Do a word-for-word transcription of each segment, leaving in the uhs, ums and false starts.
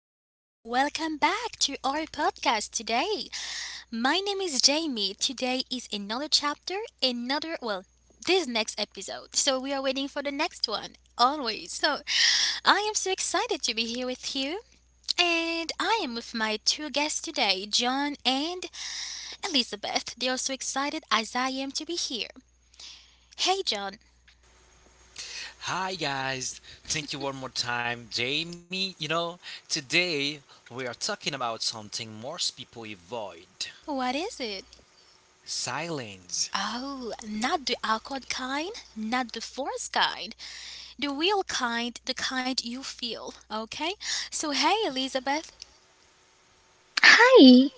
welcome, welcome back to our podcast today. My name is Jamie. Today is another chapter, another, well, this next episode. So we are waiting for the next one, always. So I am so excited to be here with you. And I am with my two guests today, John and Elizabeth. They are so excited as I am to be here. Hey, John, Hi guys, thank you one more time, Jamie. You know, today we are talking about something most people avoid what is it? silence. Oh, not the awkward kind, not the forced kind. The real kind, the kind you feel. Okay? So, hey, Elizabeth. Hi.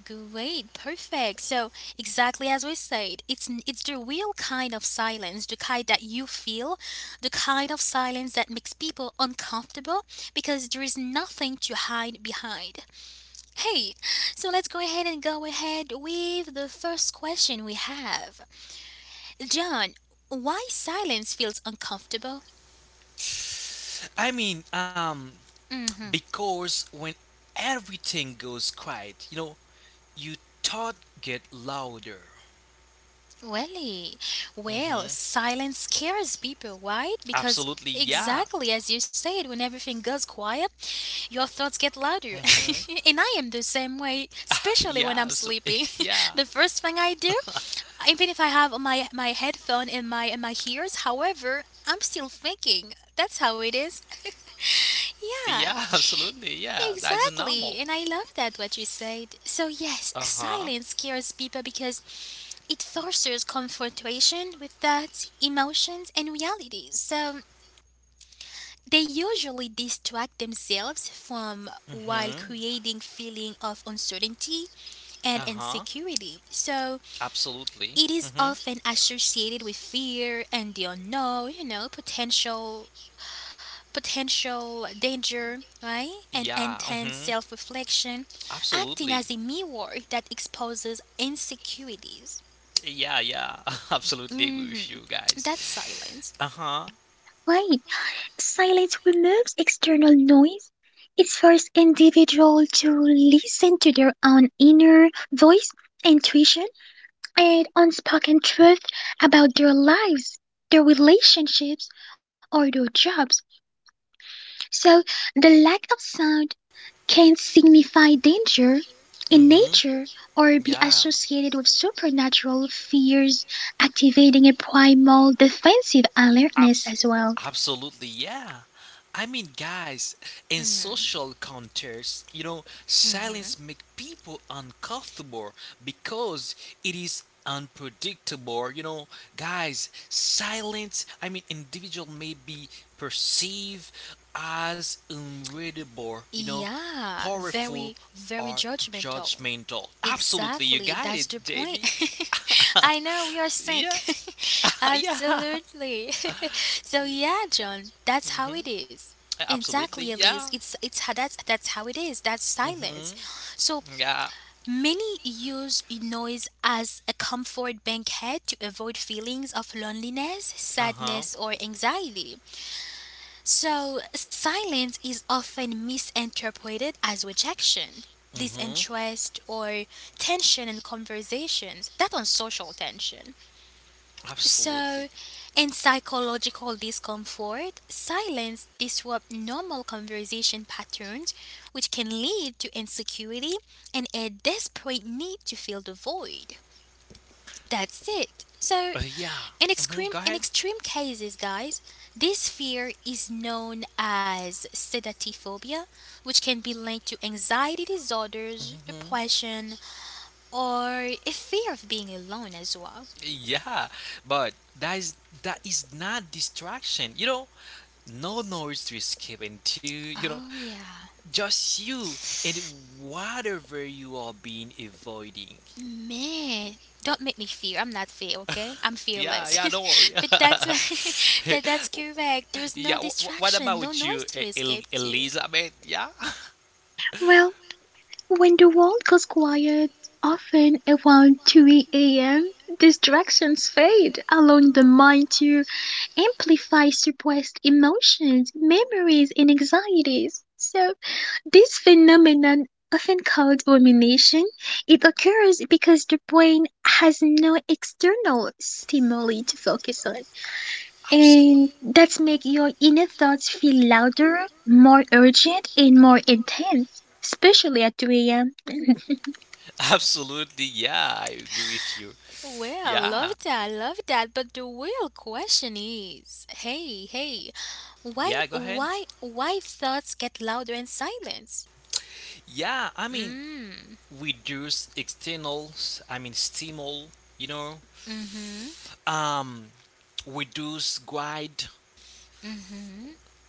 Great, perfect. So, exactly as we said, it's it's the real kind of silence, the kind that you feel, the kind of silence that makes people uncomfortable because there is nothing to hide behind. Hey, so let's go ahead and go ahead with the first question we have. John, why silence feels uncomfortable? I mean, um, Mm-hmm. because when everything goes quiet, you know, you thought get louder. Really? Well, hmm silence scares people, right? Because Absolutely, yeah. exactly as you said, when everything goes quiet, your thoughts get hmm louder. And I am the same way, Yeah, especially when I'm abso- sleeping. yeah, The first thing I do, even if I have my my headphone in my in my ears, however, I'm still thinking. That's how it is. Yeah, yeah, absolutely, yeah. That's exactly. normal. And I love that what you said. So yes, Uh huh. silence scares people because it fosters confrontation with thoughts, emotions, and realities. So they usually distract themselves from while hmm creating feeling of uncertainty and Uh huh. insecurity. So Absolutely. it is often associated with fear and the unknown, you know, potential potential danger, right? And Yeah, intense mhm. self-reflection, acting Absolutely. as a mirror that exposes insecurities. Yeah, yeah. Absolutely agree Hmm. with you That guys. silence. Uh-huh. Wait. Silence removes external noise. It forces individuals to listen to their own inner voice, intuition, and unspoken truth about their lives, their relationships, or their jobs. So the lack of sound can signify danger in Mhm. nature or be Yeah. associated with supernatural fears, activating a primal defensive alertness Abs- as well. Absolutely. Yeah. I mean, guys, in social contexts, you know, silence makes people uncomfortable because it is unpredictable. You know, guys, silence, I mean, individual may be perceived as unreadable, you know, Yeah, very, powerful very or judgmental. judgmental. Absolutely, you Exactly, got that's it, the point. J B. I know we are Yeah, sync. yeah, Absolutely. So yeah, John, that's how it is. Exactly, absolutely, Elise. yeah. It's it's how that's that's how it is. That's silence. hmm So Yeah, many use noise as a comfort bankhead to avoid feelings of loneliness, uh huh. sadness, or anxiety. So, silence is often misinterpreted as rejection, Mm-hmm. disinterest, or tension in conversations, that on social tension. Absolutely. So, in psychological discomfort, silence disrupts normal conversation patterns, which can lead to insecurity and a desperate need to fill the void. That's it. Uh, So, yeah. in Mm-hmm. Go extreme, in ahead. extreme cases, guys, this fear is known as sedatophobia, which can be linked to anxiety disorders, Mm-hmm. depression, or a fear of being alone as well. Yeah, but that is that is not distraction. You know, no noise to escape into. You know, Oh, yeah. just you and whatever you are being avoiding. Man, don't make me fear. I'm not fear, okay? I'm Yeah, fearless. yeah. Don't worry. But that's that, that's correct. There's no yeah. Wh- wh- what distraction, no about you, noise to E- El- escape to. Elizabeth? Yeah. Well, when the world goes quiet, often around two a m, distractions fade, allowing the mind to amplify suppressed emotions, memories, and anxieties. So this phenomenon, often called rumination, it occurs because the brain has no external stimuli to focus on, Absolute. and that make your inner thoughts feel louder, more urgent, and more intense, especially at two a m. Absolutely, yeah, I agree with you. Well, love Yeah, that, love that. But the real question is, hey, hey, why, yeah, go ahead. why, why thoughts get louder in silence? Yeah, I mean, Mm, Reduce externals, I mean, stimul, you know, mm-hmm. um, reduce guide,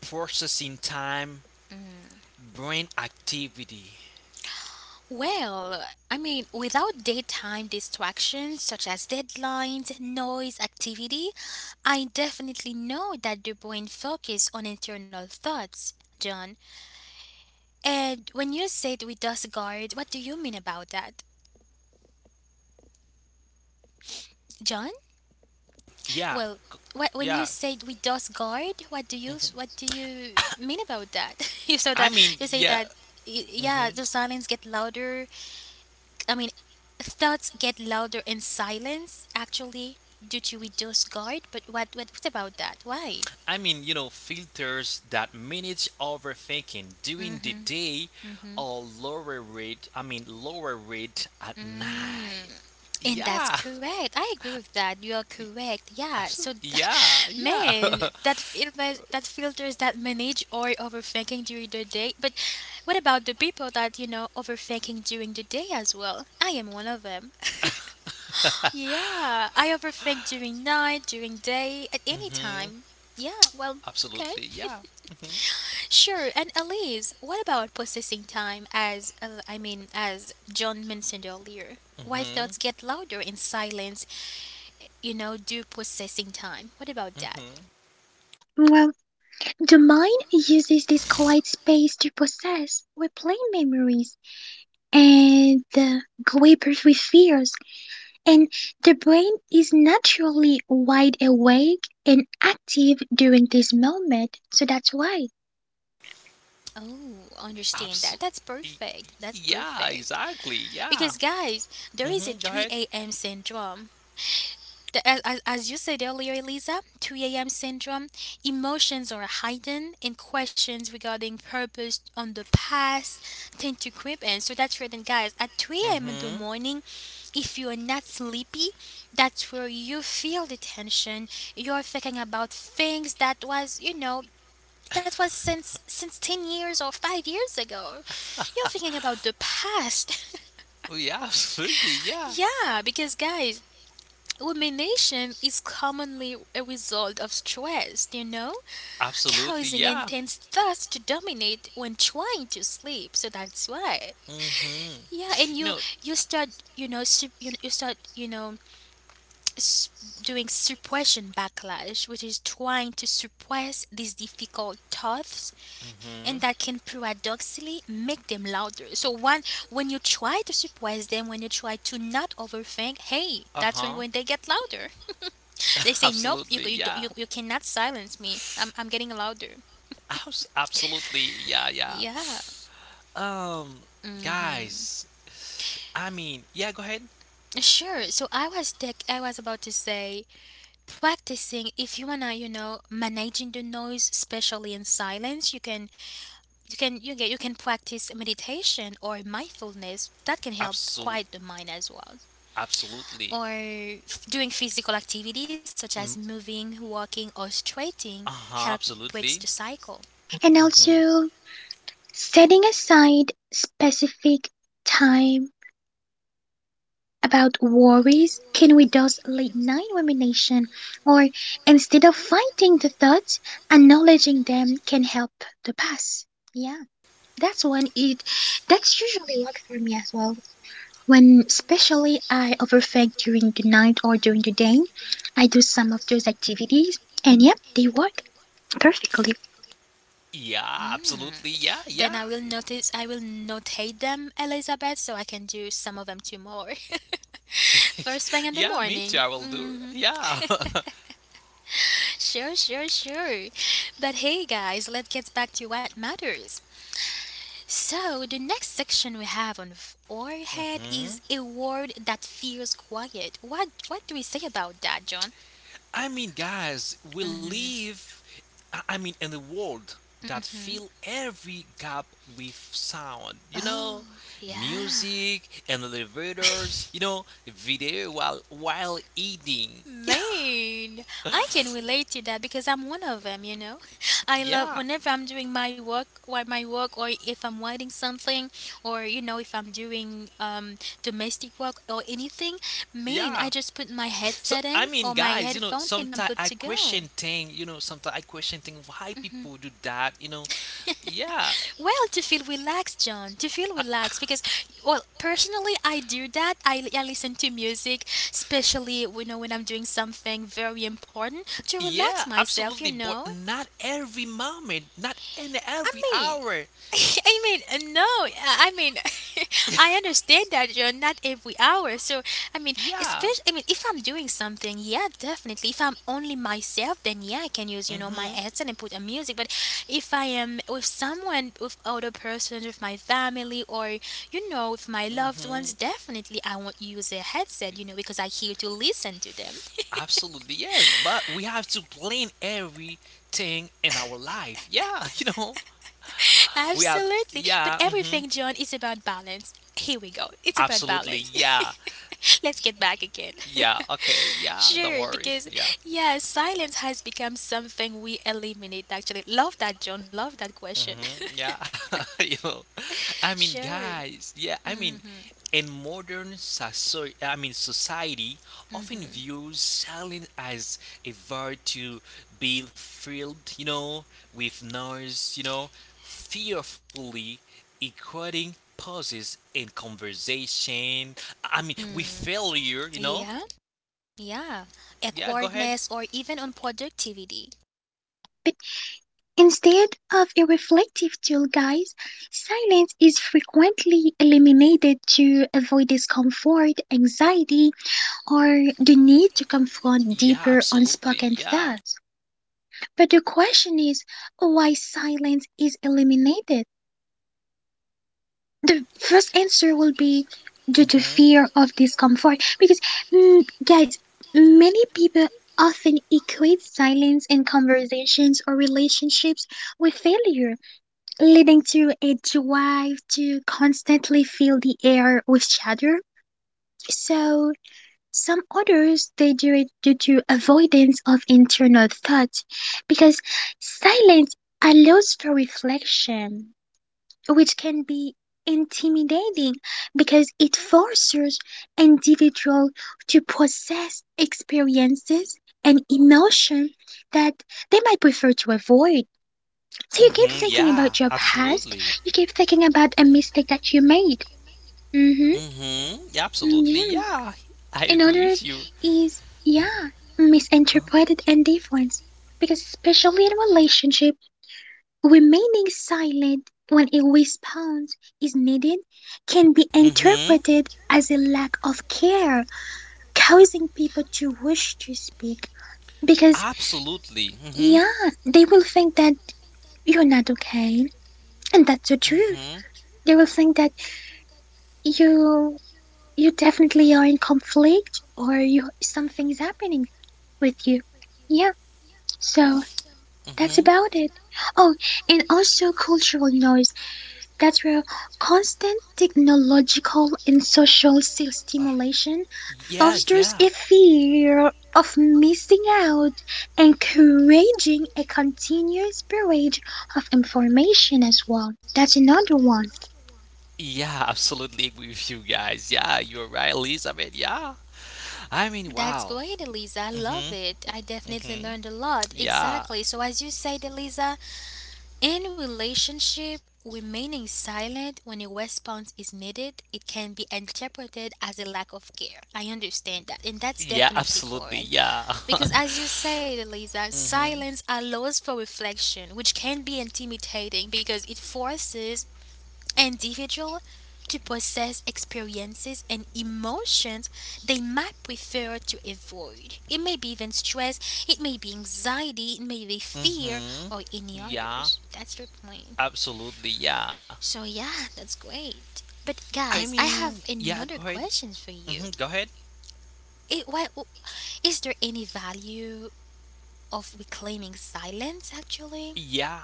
processing time, brain activity. Well, I mean, without daytime distractions such as deadlines, noise, activity, I definitely know that the brain focuses on internal thoughts, John. And when you said we discard, what do you mean about that, John? Yeah, Well, wh- when you yeah, said we does guard, what do you mhm. s- what do you mean about that? You saw that I mean, you say yeah, that y- hmm yeah, yeah, the silence get louder. I mean, thoughts get louder in silence actually due to we does guard. But what what what's about that? Why? I mean, you know, filters that manage overthinking during the Mm-hmm. day Mm-hmm. or lower rate, I mean, lower rate at night. Mm. And that's Yeah, correct. I agree with that. You are correct. Yeah. So, absolutely. Yeah, yeah. man, that filters that filters that manage or overthinking during the day. But what about the people that you know overthinking during the day as well? I am one of them. Yeah, I overthink during night, during day, at any hmm time. Yeah. Well, okay. Absolutely. Yeah. hmm Sure, and Elise, what about processing time as uh, I mean as John mentioned earlier? Why hmm thoughts get louder in silence, you know, do processing time. What about that? hmm Well, the mind uses this quiet space to process, replay memories, and uh, grapple with fears. And the brain is naturally wide awake and active during this moment, so that's why. Oh, understand that. Absolutely. That's perfect. That's Yeah, perfect. exactly. Yeah. Because, guys, there is hmm a Go ahead. three a m syndrome. The- As, as as you said earlier, Elisa, three a m syndrome, emotions are heightened and questions regarding purpose on the past tend to creep in. So that's where then, guys, at three a m in the hmm morning, if you are not sleepy, that's where you feel the tension. You're thinking about things that was, you know, that was since since ten years or five years ago, you're thinking about the past. Oh, yeah, absolutely. Yeah. Yeah, because guys, rumination is commonly a result of stress, you know, Absolutely, causing yeah. intense thoughts to dominate when trying to sleep. So that's why, Mm-hmm. yeah, and You you know, you start, you know, sup- you, you start, you know, s- doing suppression backlash, which is trying to suppress these difficult thoughts, and mm-hmm. that can paradoxically make them louder. So one when you try to surprise them, when you try to not overthink, hey, that's Uh-huh. when, when they get louder. They say, nope, Absolutely, you you, yeah. you you cannot silence me. I'm I'm getting louder. Abs- Absolutely, yeah, yeah. Yeah. Um, Hmm. Guys, I mean, yeah, go ahead. Sure. So I was tech, I was about to say practicing, if you wanna, you know, managing the noise especially in silence, you can you can you get you can practice meditation or mindfulness that can help Absolute, quiet the mind as well, Absolutely. or f- doing physical activities such as Mm, moving, walking, or stretching help uh-huh, breaks the absolutely. cycle. And Mm-hmm. also, setting aside specific time about worries can reduce late night rumination, or instead of fighting the thoughts, acknowledging them can help to pass. Yeah. That's when it That's usually what for me as well. When especially I overthink during the night or during the day, I do some of those activities and yep, they work perfectly. Yeah, absolutely, Hmm. yeah, yeah. Then I will notice I will notate them, Elizabeth, so I can do some of them tomorrow. First thing in the Yeah, me too. morning. I will do. Hmm. Yeah. Sure, sure, sure. But hey, guys, let's get back to what matters. So the next section we have on forehead hmm is a word that feels quiet. What what do we say about that, John? I mean, guys, we live. I I mean, in a world that Mm-hmm. fill every gap with sound. You know, Oh, yeah. music and elevators. You know, video while while eating. Man, I can relate to that because I'm one of them, you know. I Yeah, love yeah. whenever I'm doing my work or my work or if I'm writing something or you know if I'm doing um domestic work or anything, man, I Yeah. just put my So headset I in mean, or my guys, you know, headphone and I'm sometimes good I to go. question thing. You know, sometimes I question thing why people do that. You know, yeah. Well, to feel relaxed, John, to feel relaxed because, well, personally, I do that. I, I listen to music, especially you know when I'm doing something very important to relax Yeah, myself. You absolutely, but know, not every moment, not in I every mean, hour. I mean, uh, no, uh, I mean, I understand that you're not every hour. So, I mean, yeah. especially, I mean, if I'm doing something, yeah, definitely. If I'm only myself, then yeah, I can use, you know, my Mhm. headset and put a music. But if I am with someone, with other persons, with my family, or, you know, with my loved Mhm. ones, definitely I won't use a headset, you know, because I here to listen to them. Absolutely, yes. But we have to plan everything in our life. Yeah, you know, we have. Absolutely. Yeah. But Mhm. everything, John, is about balance. Here we go. It's about Absolutely. balance. Yeah. Let's get back again. Yeah. Okay. Yeah. Don't Sure, worry. because, Yeah. yeah, silence has become something we eliminate, actually. Love that, John. Love that question. Mm-hmm. Yeah, you know, I mean, Sure. guys, yeah, I mean, Mm-hmm. in modern society, I mean, society often Mm-hmm. views silence as a virtue being filled, you know, with noise, you know, fearfully equating pauses in conversation. I mean, with Mm. failure, you know. Yeah. Yeah. Yeah, go ahead. Awkwardness or even unproductivity. But instead of a reflective tool, guys, silence is frequently eliminated to avoid discomfort, anxiety, or the need to confront Yeah, deeper absolutely. unspoken Yeah. thoughts. But the question is, why silence is eliminated? The first answer will be due to Mm-hmm. fear of discomfort because, mm, guys, many people often equate silence in conversations or relationships with failure, leading to a drive to constantly fill the air with chatter. So some others they do it due to avoidance of internal thought because silence allows for reflection, which can be intimidating because it forces individuals to process experiences and emotion that they might prefer to avoid. So you keep Mm-hmm. thinking Yeah, about your past, absolutely. you keep thinking about a mistake that you made. Mm-hmm. Mm-hmm. Yeah, absolutely. Yeah. Yeah, I And agree with others you. is, yeah, misinterpreted and because especially in a relationship, remaining silent when a response is needed can be Mm-hmm. interpreted as a lack of care, causing people to rush to speak because, Absolutely. Mm-hmm. yeah, they will think that you're not okay, and that's the truth. Mm-hmm. They will think that you you definitely are in conflict or you something's happening with you. Yeah, so that's Mm-hmm. about it. Oh, and also cultural noise. That through constant technological and social sti- Uh, stimulation yeah, fosters a yeah. fear of missing out, encouraging a continuous barrage of information as well. That's another one. Yeah, absolutely agree with you guys. Yeah, you're right, Elizabeth. Yeah. I mean, That's wow. great, Elisa. I Mm-hmm. love it. I definitely Mm-hmm. learned a lot. Yeah. Exactly. So, as you said, Elisa, in relationship, remaining silent when a response is needed, it can be interpreted as a lack of care. I understand that, and that's Yeah, definitely absolutely. correct. Yeah. Because as you say, Eliza, mm-hmm. silence allows for reflection, which can be intimidating because it forces individual to process experiences and emotions they might prefer to avoid. It may be even stress, it may be anxiety, it may be fear, Mm-hmm. or any Yeah, others. That's the point. absolutely. Yeah. So yeah, that's great. But I guys, I mean, have yeah, go another ahead. question for Mm-hmm, you. go ahead. It, why, is there any value of reclaiming silence actually? Yeah,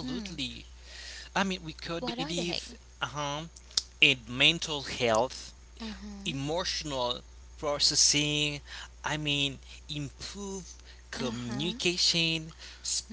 Hmm. I mean, with What are cognitive they? uh-huh, and mental health, Uh-huh. emotional processing, I mean, improve Uh-huh. communication,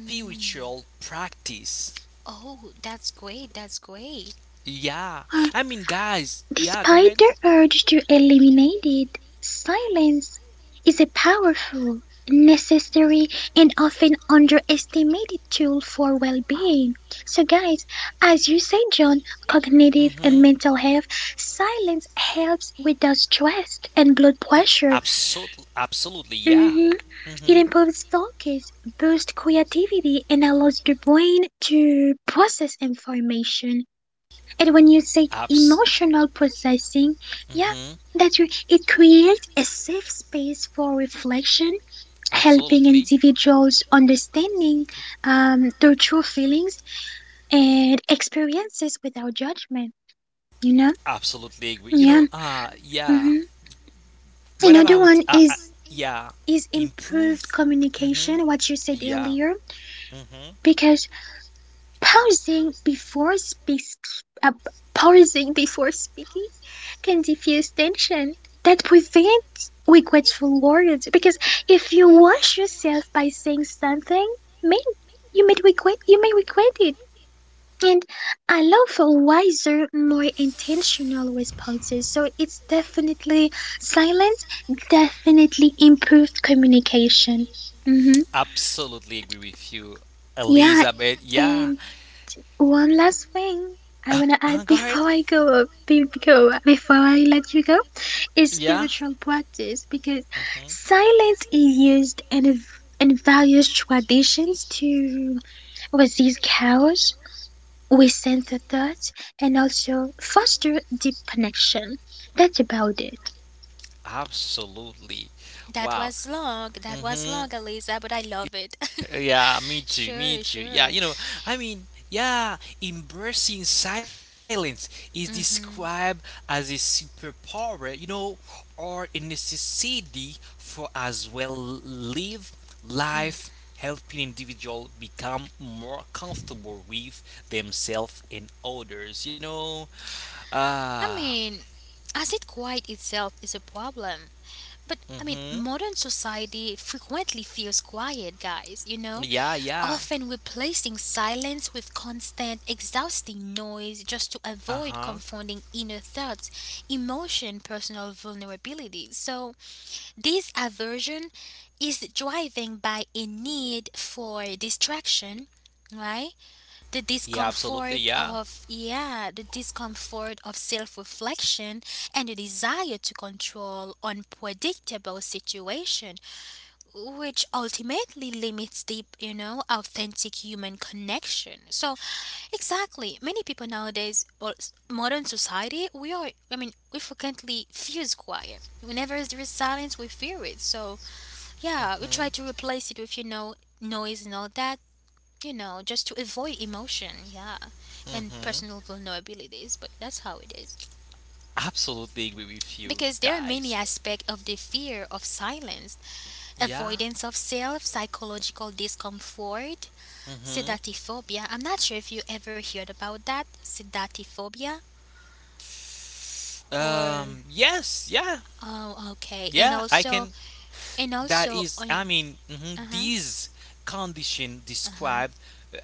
Mm. practice. Oh, that's great. That's great. Yeah. I Um, mean, guys, yeah, go ahead. Despite their urge to eliminate it, silence is a powerful, necessary, and often underestimated tool for well being. So, guys, as you say, John, cognitive Mm-hmm. and mental health, silence helps with the stress and blood pressure. Absolutely, absolutely, yeah. Mhm. Mm-hmm. It improves focus, boosts creativity, and allows the brain to process information. And when you said Abs. emotional processing, yeah, Mm-hmm. that's right. It creates a safe space for reflection, helping Absolutely. individuals understanding um, their true feelings and experiences without judgment. You know, Absolutely agree. You know, yeah. uh, yeah. hmm What Another about uh, one uh is yeah, is improve? improved Mm-hmm. communication. What you said Yeah. earlier, Mm-hmm. because pausing before speaks, uh, pausing before speaking can diffuse tension that prevents regretful words. Because if you wash yourself by saying something mean, you may regret you may regret it. And allow for wiser, more intentional responses. So it's definitely silence, definitely improved communication. Hmm Absolutely agree with you, Yeah, Elizabeth. Yeah. and one last thing I Uh, wanna go add ahead. before I go, be- go before I let you go, is Yeah. spiritual practice because hmm silence is used in a, in various traditions to resist chaos, resent the thoughts, and also foster deep connection. That's about it. Absolutely. That Wow. was long. That was hmm long, Eliza, but I love it. Yeah, me too, me Sure, too. Yeah, sure. you know, I mean, yeah, embracing silence is described Mhm. as a superpower, you know, or a necessity for as well live life, helping individual become more comfortable with themselves and others, you know. I Ah, mean, as it quiet itself is a problem. But I mean, mm-hmm. modern society frequently feels quiet, guys, you know? Yeah, yeah. Often replacing silence with constant, exhausting noise just to Uh-huh. avoid confronting inner thoughts, emotion, personal vulnerability. So, this aversion is driven by a need for distraction, right? The Yeah, absolutely, discomfort yeah. of yeah the discomfort of self-reflection and the desire to control unpredictable situation, which ultimately limits deep, you know, authentic human connection. So exactly, many people nowadays or s- modern society, we are, I mean, we frequently fuse quiet whenever there is silence, we fear it. So yeah, we try to Mm-hmm. replace it with, you know, noise and all that, you know, just to avoid emotion, yeah, and Mm-hmm. personal vulnerabilities, but that's how it is. Absolutely agree with you Because there are guys. many aspects of the fear of silence, Yeah. avoidance of self, psychological discomfort, Mm-hmm. sedatophobia. I'm not sure if you ever heard about that, sedatophobia, Um. or Yes. Yeah. oh, okay, and Yeah. I can. also, and That also, is. I uh mean, mhm, huh, these condition uh huh, describe.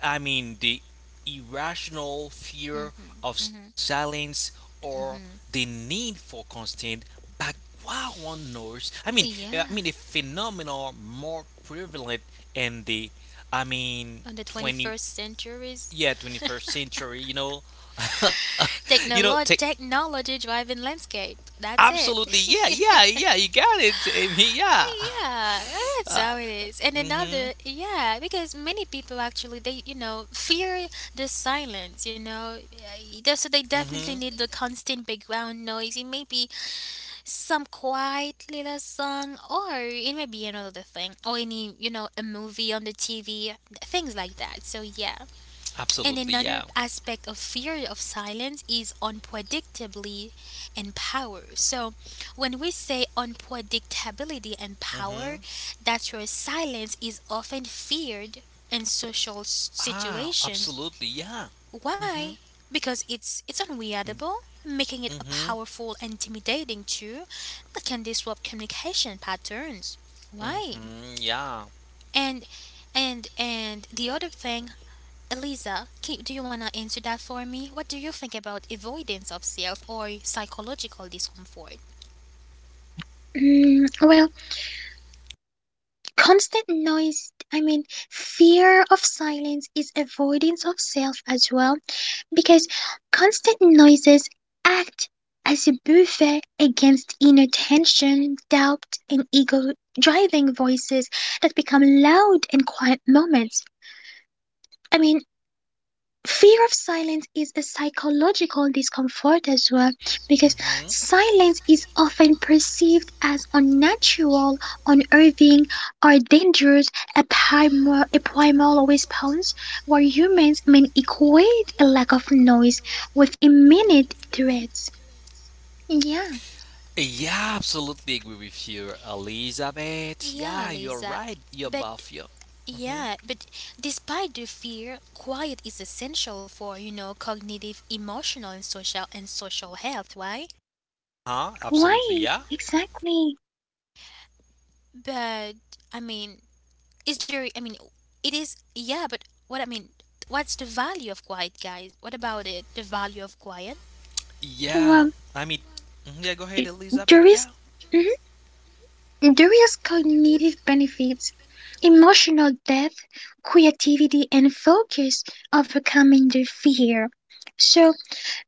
I mean, the irrational fear of mm-hmm. silence or the need for constant background noise. I mean, uh, I mean, a Yeah, phenomenon more prevalent in the. I mean, on the 20 twenty-first centuries. yeah twenty-first century, you know. You know take Technolo- technology driven landscape. That's it. absolutely yeah yeah yeah you got it, Jamie, yeah. Yeah, that's how it is. And another, Mhm, yeah, because many people actually they you know fear the silence. You know, yeah, they- so they mhm, definitely need the constant background noise. It may be some quiet little song, or it may be another thing, or any you know a movie on the T V, things like that. So yeah. And absolutely, another yeah. aspect of fear of silence is unpredictably and power. So, when we say unpredictability and power, Mhm. that's where silence is often feared in social s- Ah, situations. absolutely, yeah. Why? Mhm, Because it's it's unreadable, making it a mhm, powerful, intimidating tool that can disrupt communication patterns. Why? mhm, yeah, And and and the other thing, Eliza, can, do you want to answer that for me? What do you think about avoidance of self or psychological discomfort? Mm, well, constant noise, I mean, fear of silence is avoidance of self as well, because constant noises act as a buffer against inner tension, doubt, and ego driving voices that become loud in quiet moments. I mean, fear of silence is a psychological discomfort as well because mhm, silence is often perceived as unnatural, unnerving, or dangerous, a primal, a primal response where humans may equate a lack of noise with imminent threats. Yeah, yeah, absolutely agree with you, Elizabeth, Yeah, yeah, you're Eliza. right, you're But buff you. Mhm. yeah, but despite the fear, quiet is essential for, you know, cognitive, emotional and social and social health, right? Ah, absolutely, right, yeah. exactly. But, I mean, is there I mean, it is yeah, but what I mean, what's the value of quiet, guys? What about it? The value of quiet? Yeah, Well, I mean, mhm, yeah, go ahead, Elizabeth. there Yeah, is Durians cognitive benefits, emotional depth, creativity, and focus, overcoming the fear. So,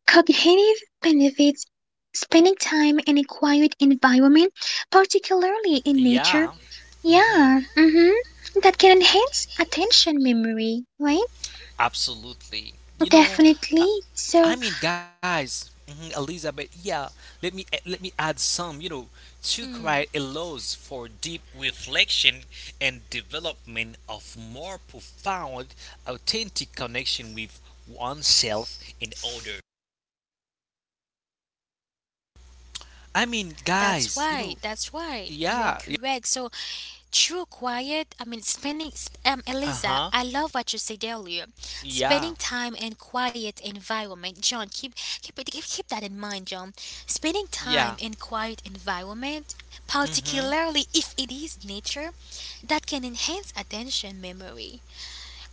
cognitive benefits spending time in a quiet environment, particularly in nature. yeah, Yeah, hmm mm-hmm, that can enhance attention memory, right? absolutely. You know, Definitely. uh, So, I mean, guys, mhm, Elizabeth. Yeah, let me a- let me add some. You know, to cry Mm, allows for deep reflection and development of more profound, authentic connection with oneself and others. I mean, guys, that's you know, right. That's right. You yeah, are yeah, correct. So true quiet, I mean, spending, sp- um, uh Eliza, I huh, love what you said earlier. Spending yeah, time in quiet environment, John, keep, keep, it- keep, keep that in mind, John. Spending yeah, time in quiet environment, mm particularly if it is nature, that can enhance attention memory.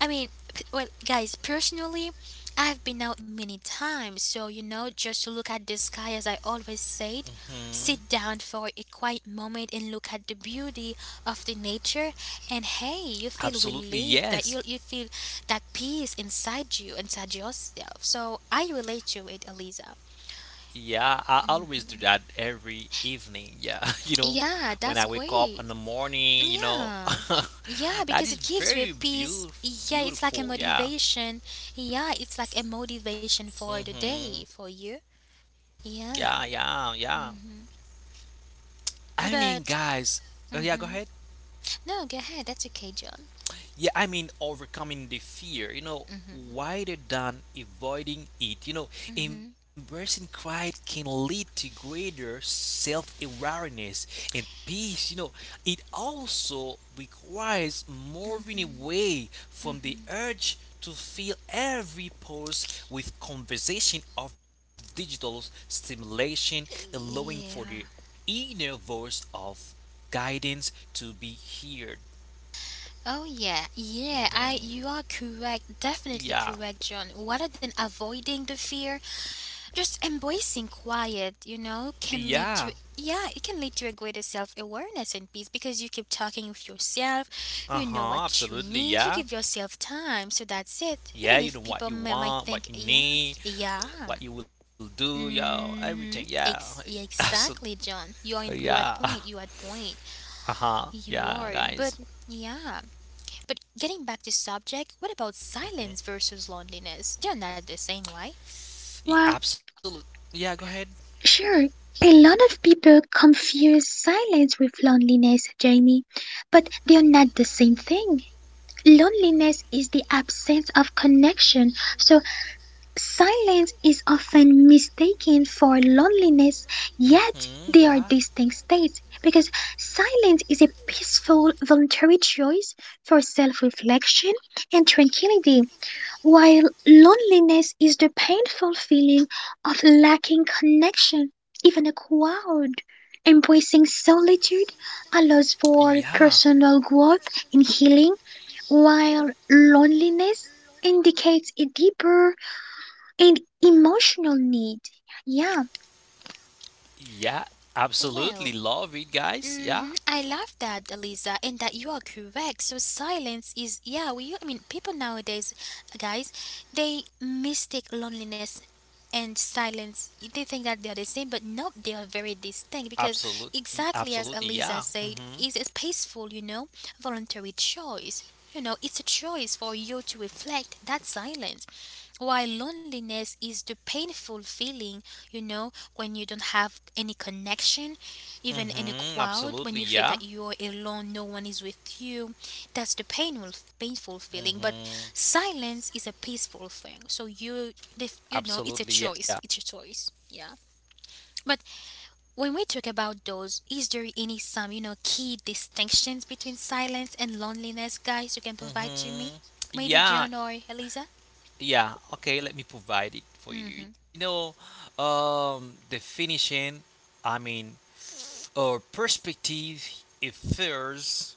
I mean, p- well, guys, personally, I've been out many times, so you know, just to look at the sky, as I always said, hmm, sit down for a quiet moment and look at the beauty of the nature, and hey, you feel absolutely, relieved that yes. you you feel that peace inside you, inside yourself. So I relate to it, Eliza. Yeah, I always do that every evening. Yeah, you know, when Yeah, I that's wake up in the great. morning, you know, Yeah. Yeah, that is because it very gives you a beautiful. peace. Yeah, it's Beautiful, like a yeah. motivation. Yeah, it's like a motivation for the Mm-hmm. day for you. Yeah, yeah, yeah. Yeah. Mhm. I mean, But guys. Uh, yeah, go ahead. mhm. No, go ahead. That's okay, John. Yeah, I mean overcoming the fear, you know, Mhm. wider than avoiding it. You know, Mhm. embracing quiet can lead to greater self awareness and peace. You know, it also requires moving away from the urge to fill every pause with conversation of digital stimulation, allowing for the Yeah. inner voice of guidance to be heard. Oh yeah. Yeah, I Mhm. you are correct. Definitely Yeah. correct, John. Rather than avoiding the fear, just embracing quiet, you know, can Yeah. lead to yeah, it can lead to a greater self awareness and peace because you keep talking with yourself, you know Uh-huh. what you Absolutely. need, you give Yeah. yourself time, so that's it. Yeah, Even you know if people what you m- might want, what think, you yeah, need, yeah. what you will do, yo, everything. Mm-hmm. Yeah. Ex- yeah, Absolutely. exactly, John. You are in Yeah. you at point. You at point. Uh-huh. Yeah, You are. guys. But yeah. But getting back to subject, what about Mm-hmm. silence versus loneliness? They're not the same, right? well, Absolutely. Yeah, go ahead. sure. A lot of people confuse silence with loneliness, Jamie, but they are not the same thing. Loneliness is the absence of connection, so silence is often mistaken for loneliness, Mm-hmm. yet Yeah. they are distinct states because silence is a peaceful, voluntary choice for self reflection and tranquility, while loneliness is the painful feeling of lacking connection, even a crowd. Embracing solitude allows for Yeah. personal growth and healing while loneliness indicates a deeper and emotional need. Yeah, Yeah. Absolutely Well, love it, guys. Yeah. hmm, I love that, Eliza, and that you are correct. So silence is yeah. We I mean people nowadays, guys, they mistake loneliness and silence. They think that they are the same, but no, they are very distinct because Absolutely. exactly as Absolutely. Yeah. Eliza said, Mhm. is a peaceful, you know, voluntary choice. You know, it's a choice for you to reflect that silence. While loneliness is the painful feeling, you know, when you don't have any connection, even in a Mhm. crowd when Absolutely. you feel Yeah. that you're alone, no one is with you. That's the painful painful feeling. But Mhm. silence is a peaceful thing, so you, if you know, it's a Absolutely. choice, Yeah. it's a choice, yeah. But when we talk about those, is there any, some, you know, key distinctions between silence and loneliness, guys, you can provide to me, Mhm. maybe John Yeah. or Eliza? Yeah. Okay. Let me provide it for Hmm. you. You know, um, the finishing. I mean, a perspective infers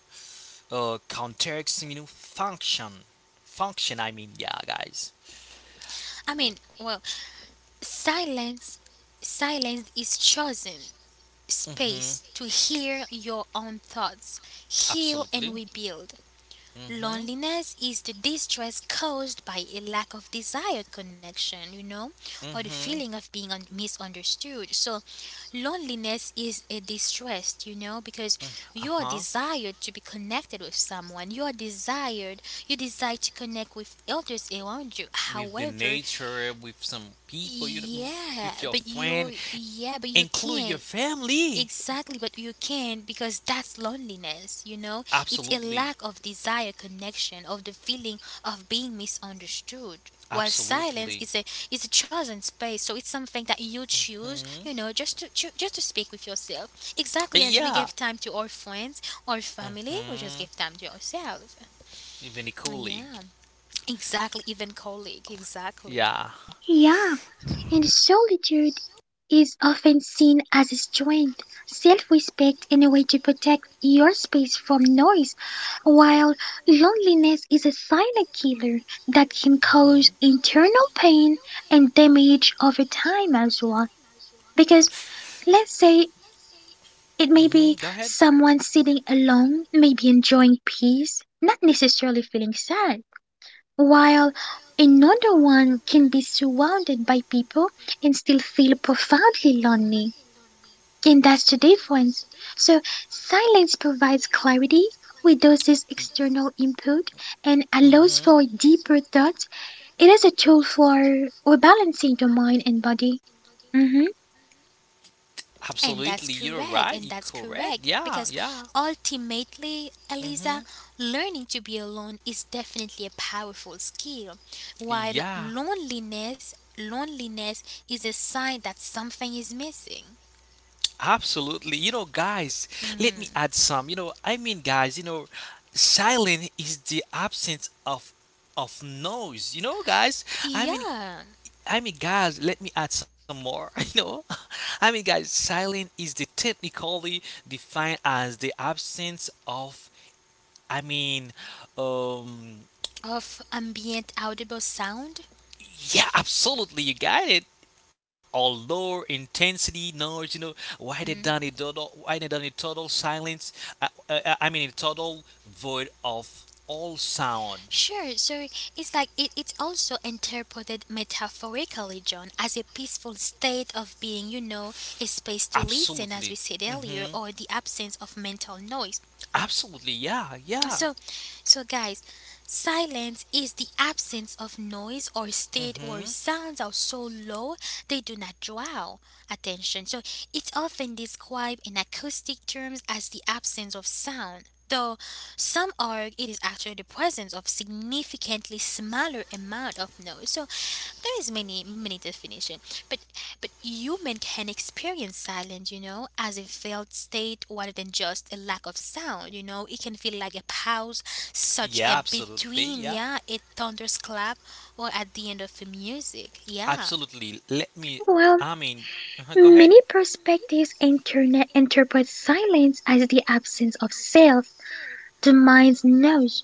a contextual function. Function, I mean, yeah, guys. I mean, well, Silence silence is chosen Mm-hmm. space to hear your own thoughts, heal and Absolutely. rebuild. Mm-hmm. Loneliness is the distress caused by a lack of desired connection, you know, or the Mm-hmm. feeling of being un- misunderstood. So, loneliness is a distress, you know, because you are Uh-huh. desired to be connected with someone. You are desired, you desire to connect with others around you. With the However, nature, with some people, you know, with your yeah, but friend, you, yeah, but you include your can't. family. Exactly, but you can't because that's loneliness, you know? It's a Absolutely. lack of desire connection, of the feeling of being misunderstood. While silence Absolutely. is a, is a chosen space, so it's something that you choose, hmm you know, just to, to just to speak with yourself. Exactly as we Yeah. give time to our friends or family, we just Mm-hmm. give time to ourselves. Even a colleague. Yeah. Exactly, even colleague, exactly. Yeah. yeah. And solitude is often seen as a strength, self respect, and a way to protect your space from noise, while loneliness is a silent killer that can Mm-hmm. cause internal pain and damage over time as well. Because let's say it may Mm-hmm. Go be ahead. Y- someone sitting alone, maybe enjoying peace, not necessarily feeling sad, while another one can be surrounded by people and still feel profoundly lonely. And that's the difference. So silence provides clarity, reduces external input, and Mm-hmm. allows for deeper thought. It is a tool for rebalancing the mind and body. Hmm And Absolutely, that's you're right. correct, You're and that's correct. correct, Yeah, because yeah. ultimately, Mm-hmm. Eliza, learning to be alone is definitely a powerful skill. While Yeah. loneliness, loneliness is a sign that something is missing. Absolutely. You know, guys, let me Mm. add some. You know, I mean, guys, you know, silence is the absence of of noise. You know, guys, I mean, Yeah, I mean, guys, let me add some more. You know, I mean, guys, silence is the technically defined as the absence of. I mean, um, of ambient audible sound. yeah, absolutely, you got it. Or low intensity noise, you know, why they done a Mm. total why they done a total silence, uh, uh, uh, I mean a total void of all sound. Sure, so it's like it, it's also interpreted metaphorically, John, as a peaceful state of being, you know, a space to Absolutely. listen, as we said hmm earlier, or the absence of mental noise. Absolutely, yeah, yeah. So, so guys, silence is the absence of noise or state where hmm sounds are so low they do not draw attention. So, it's often described in acoustic terms as the absence of sound. Though some argue it is actually the presence of significantly smaller amount of noise. So there is many many definition, but but human can experience silence, you know, as a felt state rather than just a lack of sound. You know, it can feel like a pause, such yeah, a absolutely, between, yeah, yeah, a thunderous clap, or at the end of the music, yeah, absolutely, let me, I Well, mean, uh huh. Go ahead. many perspectives internet interpret silence as the absence of self, the mind's noise,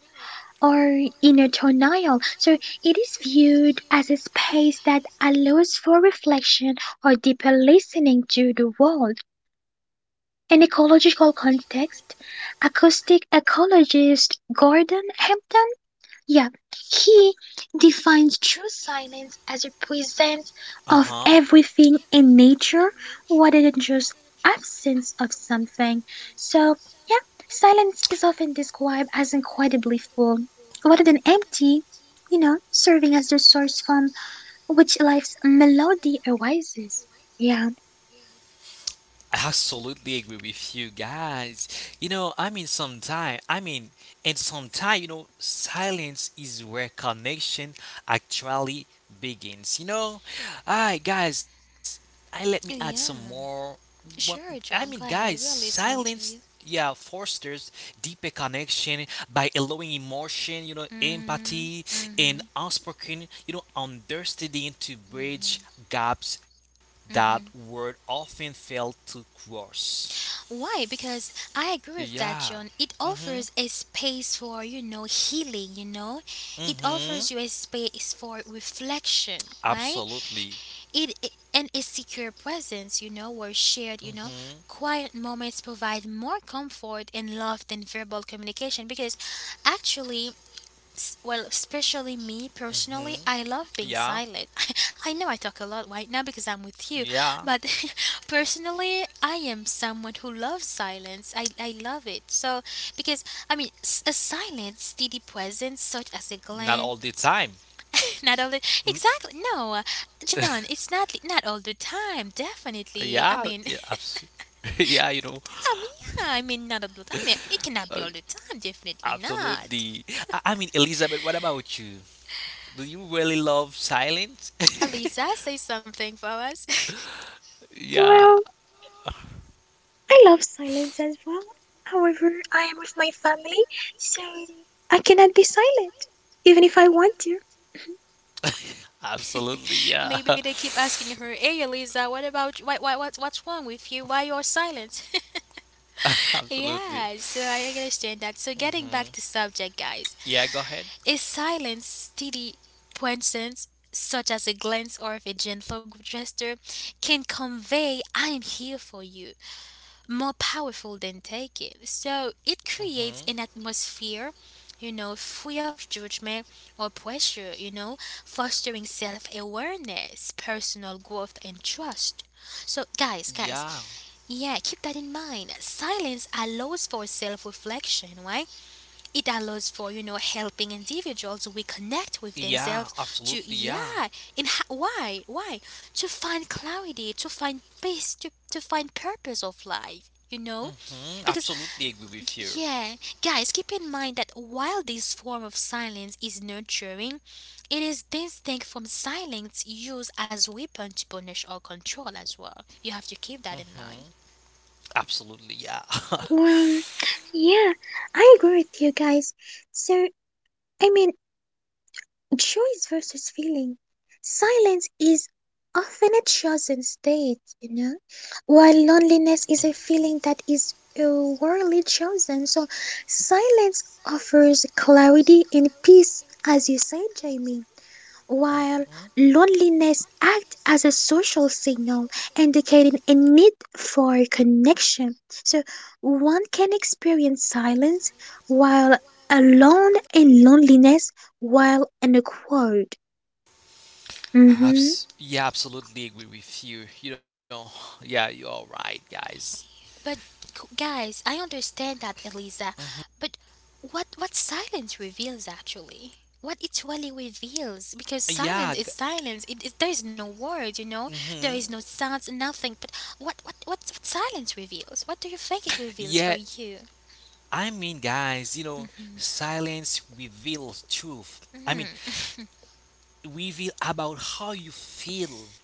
or inner denial. So it is viewed as a space that allows for reflection or deeper listening to the world. In ecological context, acoustic ecologist Gordon Hempton, yeah, he defines true silence as a presence of Uh-huh. everything in nature rather than just absence of something. So, yeah, silence is often described as incredibly full rather than empty, you know, serving as the source from which life's melody arises. Yeah, I absolutely agree with you guys. You know, I mean, sometimes, I mean, and sometimes, you know, silence is where connection actually begins. You know, alright, guys, I let me add some yeah. more. What, Sure, I mean, John, go guys, ahead. We are listening silence, to you. yeah, fosters deeper connection by allowing emotion, you know, Mhm, empathy and mhm. unspoken, you know, understanding to bridge gaps that word often fail to cross. Why? Because I agree with that, Yeah. John. It Mm-hmm. offers a space for, you know, healing, you know? It Mm-hmm. offers you a space for reflection, right? Absolutely. It, it and a secure presence, you know, where shared, you know, Mm-hmm. quiet moments provide more comfort and love than verbal communication, because actually, s- well, especially me personally, Mm-hmm. I love being Yeah. silent. I know I talk a lot right now because I'm with you, Yeah. but personally, I am someone who loves silence. I, I love it. So, because, I mean, s- a silent, steady presence, such as a Not all the glance, time. not all the, Mm, exactly, no, John, it's not, not all the time, yeah. definitely. I Yeah. mean, Abs- yeah. You know. I mean, yeah, I mean, not all the time. I mean, it Uh, cannot be all the time, definitely not. absolutely. I-, I mean, Elizabeth. What about you? Do you really love silence? Alisa, say something for us. yeah. well, I love silence as well. However, I am with my family, so I cannot be silent, even if I want to. Absolutely. Yeah. Maybe they keep asking her, "Hey, Eliza, what about why, why what's what's wrong with you? Why you're silent?" absolutely. Yeah, so I understand that. So getting back to subject, guys, Yeah. Go ahead. is silence steady presence, such as a glance or if a gentle gesture, can convey "I am here for you" more powerful than taking. So it creates Mm-hmm. an atmosphere, you know, free of judgment or pressure, you know, fostering self awareness, personal growth, and trust. So, guys, Yeah. guys, yeah, keep that in mind. Silence allows for self reflection, right? It allows for, you know, helping individuals reconnect with Yeah. themselves Absolutely. to Yeah. yeah, and ha- why why to find clarity, to find peace, to, to find purpose of life, you know. hmm Because Absolutely agree with you. g- yeah, guys, keep in mind that while this form of silence is nurturing, it is distinct from silence used as weapon to punish or control as well. You have to keep that hmm in mind. Absolutely, yeah. Well, yeah, I agree with you guys. So, I mean, choice versus feeling. Silence is often a chosen state, you know, while loneliness is a feeling that is rarely chosen. So silence offers clarity and peace, as you said, Jamie, while Mhm. loneliness acts as a social signal indicating a need for connection. So one can experience silence while alone in loneliness while in a crowd. Mhm. Abs- yeah, absolutely agree with you. You know, yeah, you're right, guys. But c- guys, I understand that, Eliza. hmm But what what silence reveals actually? What it really reveals? Because silence is Yeah, g- silence. It, it there is no words, you know. There is no hmm sounds, nothing. But what what what, what silence reveals? What do you think it reveals for yeah. you? I mean, guys, you know, silence reveals truth. I Hmm. mean, reveal about how you feel,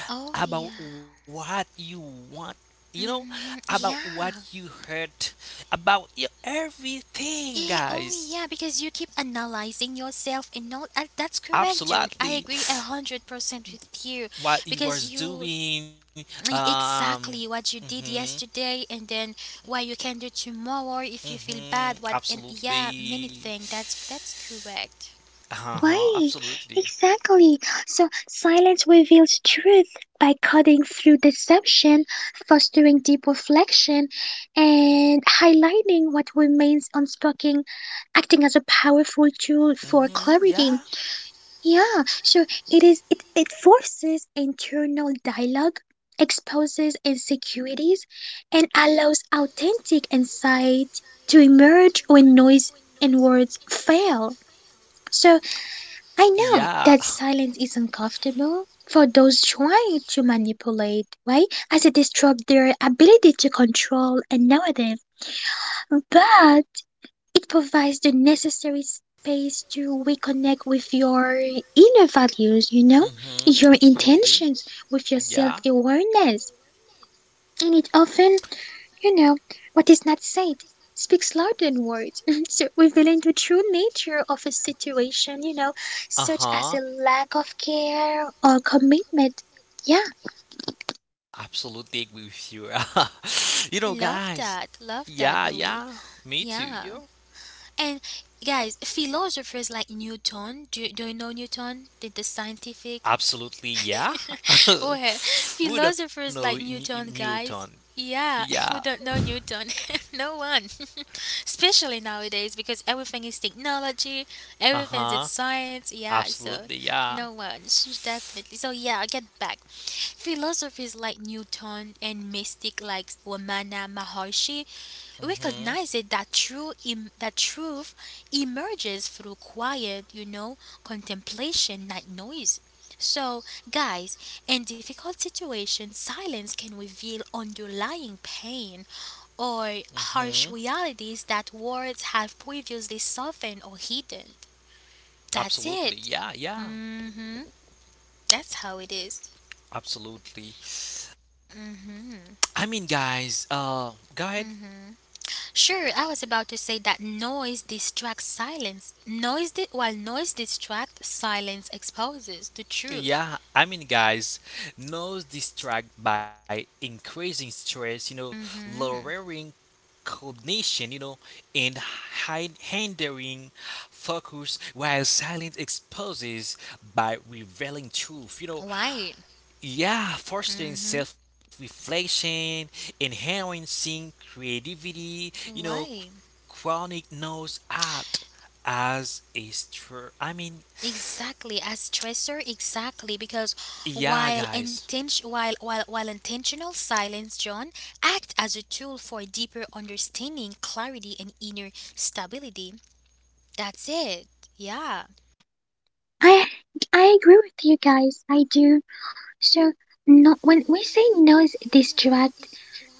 Oh yeah. about what you want, you know, Hmm. about what Yeah. you hurt, about y- everything, Yeah, oh guys. yeah, because you keep analyzing yourself and not, uh, that's correct, John. I Absolutely, agree a hundred percent with you, what he because was you, doing. e- Um, exactly what you did mhm, yesterday and then what you can do tomorrow if you feel mhm, bad, what, and yeah, many absolutely, things, that's that's correct. uh-huh, Right, absolutely, exactly. So silence reveals truth by cutting through deception, fostering deep reflection, and highlighting what remains unspoken, acting as a powerful tool for mhm, clarity. yeah, Yeah, so it is it, it forces internal dialogue, exposes insecurities, and allows authentic insight to emerge when noise and words fail. So I know yeah, that silence is uncomfortable for those trying to manipulate, right? As it disrupts their ability to control a narrative, but it provides the necessary space to reconnect with your inner values, you know, mhm, your absolutely, intentions, with your self yeah, awareness. And it often, you know, what is not said speaks louder than words, so revealing the true nature of a situation, you know, such as uh-huh, a lack of care or commitment. Yeah, absolutely agree with you. You know, guys, Love that, love yeah, that, yeah, Ellie. me too, yo. Yeah. And guys, philosophers like Newton, do, do you know Newton, the, the scientific? Absolutely, yeah. Well, We don't know philosophers N- like Newton, Newton. guys. Yeah. Yeah, we don't know Newton. No one. Especially nowadays because everything is technology, Uh everything is huh. science. Yeah, so Absolutely, yeah. no one. Sh- Definitely. So, yeah, I get back. Philosophers like Newton and mystic like Ramana Maharshi Mhm. recognizes that true em- that truth emerges through quiet, you know, contemplation, not noise. So, guys, in difficult situations, silence can reveal underlying pain or harsh Mhm. realities that words have previously softened or hidden. That's it. Absolutely, yeah, yeah. Hmm. That's how it is. Absolutely. I mean, guys. Uh, go ahead. Sure, I was about to say that noise distracts silence. Noise di- while noise distracts, silence exposes the truth. Yeah, I mean, guys. Nose distract by increasing stress. You know, Mhm. lowering cognition. You know, and hind- hindering focus while silence exposes by revealing truth. You know, Why? yeah, fostering Mhm. self reflection, enhancing creativity, you know, c- Why? chronic knows art as a str. I mean, Exactly, as stressor, exactly, because yeah, while guys. intention while, while while intentional silence, John, act as a tool for deeper understanding, clarity and inner stability. That's it. Yeah. I I agree with you guys. I do. So no, when we say no is distract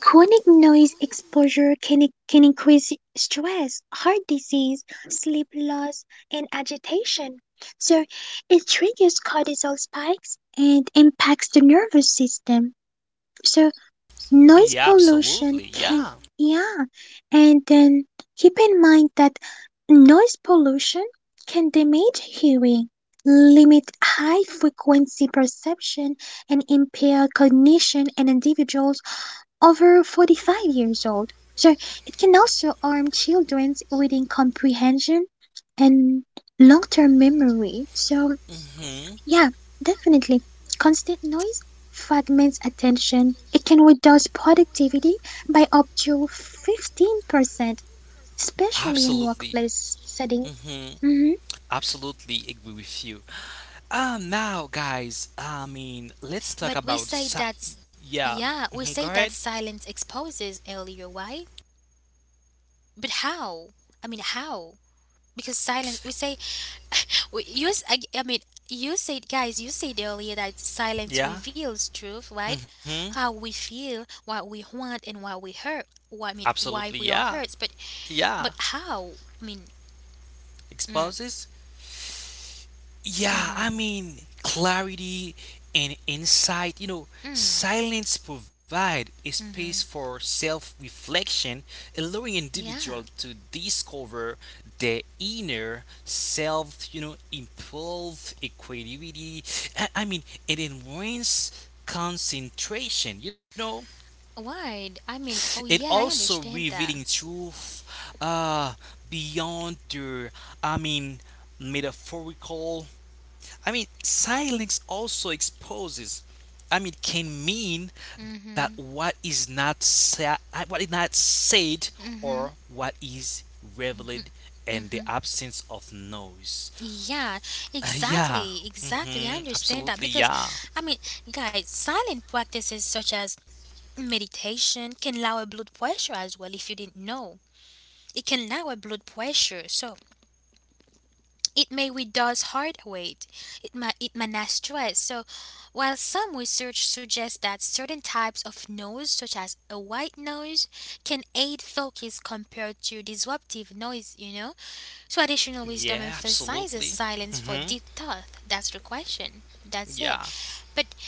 chronic noise exposure can, can increase stress, heart disease, sleep loss, and agitation. So it triggers cortisol spikes and impacts the nervous system. So Yeah, noise absolutely. pollution Yeah. can, yeah. And then keep in mind that noise pollution can damage hearing, limit high frequency perception, and impair cognition in individuals over forty-five years old. So it can also harm children with incomprehension and long term memory. So, Mm-hmm. yeah, definitely. Constant noise fragments attention. It can reduce productivity by up to fifteen percent, especially in Absolutely. workplace setting. Mm-hmm. Mhm. Absolutely agree with you. Um, now, guys, I mean, let's talk But we about. say Sa- that's yeah. yeah, we Mm-hmm. say Go that ahead. silence exposes earlier, right? But how? I mean, how? Because silence, we say, we use. I, I mean, you said, guys, you said earlier that silence Yeah. reveals truth, right? Mm-hmm. How we feel, what we want, and why we hurt. Why? I mean, why Absolutely. we are Yeah. hurt? But, Yeah. but how? I mean, mm, Exposes. Yeah, I mm-hmm, mean, clarity and insight, you know, mm, silence provide a space mm-hmm. for self-reflection, allowing individual Yeah. to discover their inner self, you know, improve equanimity. I, I mean, it enhance concentration, you know. Why? I mean, It oh yeah, I also understand revealing that. truth uh beyond the I mean metaphorical I mean, silence also exposes. I mean, can mean that Mm-hmm, what is not sa- uh, what is not said mm-hmm, or what is revealed, and the mm-hmm. absence of noise. Yeah, Uh, yeah. exactly, exactly. I Mm-hmm. understand that Absolutely. because, Yeah. I mean, guys, silent practices such as meditation can lower blood pressure as well. If you didn't know, it can lower blood pressure, so it may reduce heart rate. It may it may not stress. So, while some research suggests that certain types of noise, such as a white noise, can aid focus compared to disruptive noise, you know traditional wisdom Yeah. emphasizes Absolutely. silence for Mm-hmm. deep thought. That's the question. That's Yeah. it. But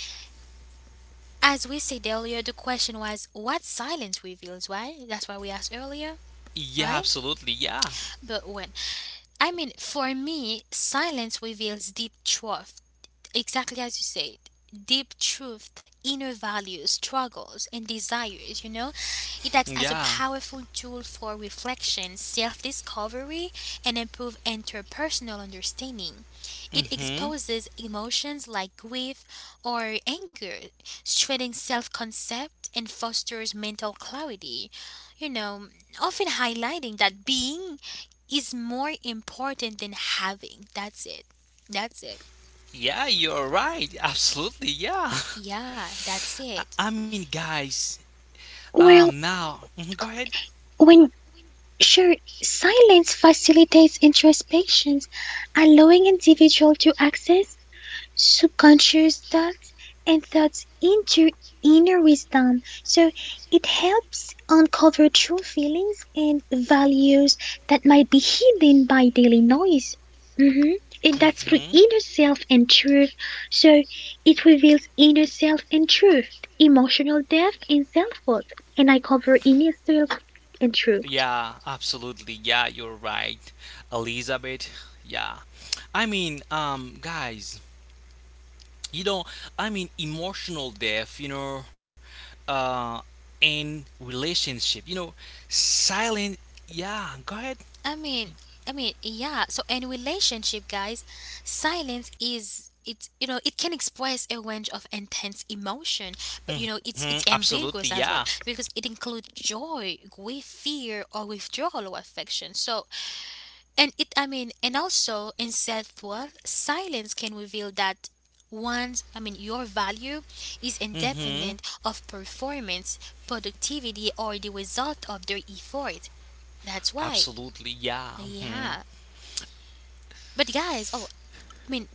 as we said earlier, the question was what silence reveals, right? That's what we asked earlier, Yeah. right? Absolutely. Yeah. But when I mean, for me, silence reveals deep truth. Exactly as you said, deep truth, inner values, struggles and desires, you know it acts as a Yeah. powerful tool for reflection, self-discovery and improve interpersonal understanding. It Mm-hmm. exposes emotions like grief or anger, strengthening self-concept and fosters mental clarity, you know often highlighting that being is more important than having. That's it. That's it. Yeah. You're right. Absolutely. Yeah. Yeah, that's I, it. I mean, guys. Um. Well, Now. Mhm, go ahead. when sure, silence facilitates introspections, allowing individual to access subconscious thoughts and thoughts into inner wisdom. So it helps uncover true feelings and values that might be hidden by daily noise. Mhm. And that's through hmm inner self and truth. So it reveals inner self and truth, emotional depth and self worth. And I cover inner self and truth. Yeah, absolutely. Yeah, you're right, Elizabeth. Yeah. I mean, um, guys, you know, I mean, emotional death, you know, uh, in relationship, you know, silent. Yeah, go ahead. I mean, I mean, yeah. So in relationship, guys, silence is it's you know it can express a range of intense emotion, but you know Mm-hmm. it's it's Absolutely. ambiguous Yeah. as well, because it includes joy, grief, fear, or withdrawal or affection. So, and it I mean and also in self worth, silence can reveal that one's I mean your value is Mm-hmm. independent of performance, productivity or the result of their effort. That's why. Absolutely. Yeah. Mm-hmm. Yeah. But guys, oh, I mean,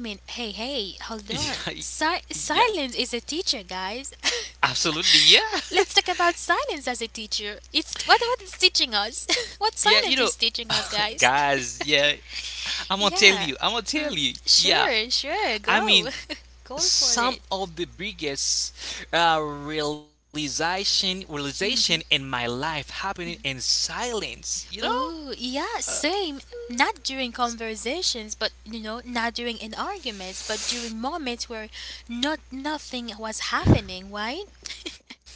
I mean, hey, hey, hold on. Yeah. Si- Yeah. silence is a teacher, guys. Absolutely. Yeah. Let's talk about silence as a teacher. It's what what it's teaching us. What yeah. You silence know, is teaching us, guys. guys. Yeah. I'm gonna tell Yeah. you. I'm gonna tell Mm, you. Yeah. sure, sure. I Go. mean, Go for some it. of the biggest uh, realization realization in my life happening in silence you know Ooh, yeah, uh, same. Not during conversations, but you know, not during in arguments, but during moments where not nothing was happening, right?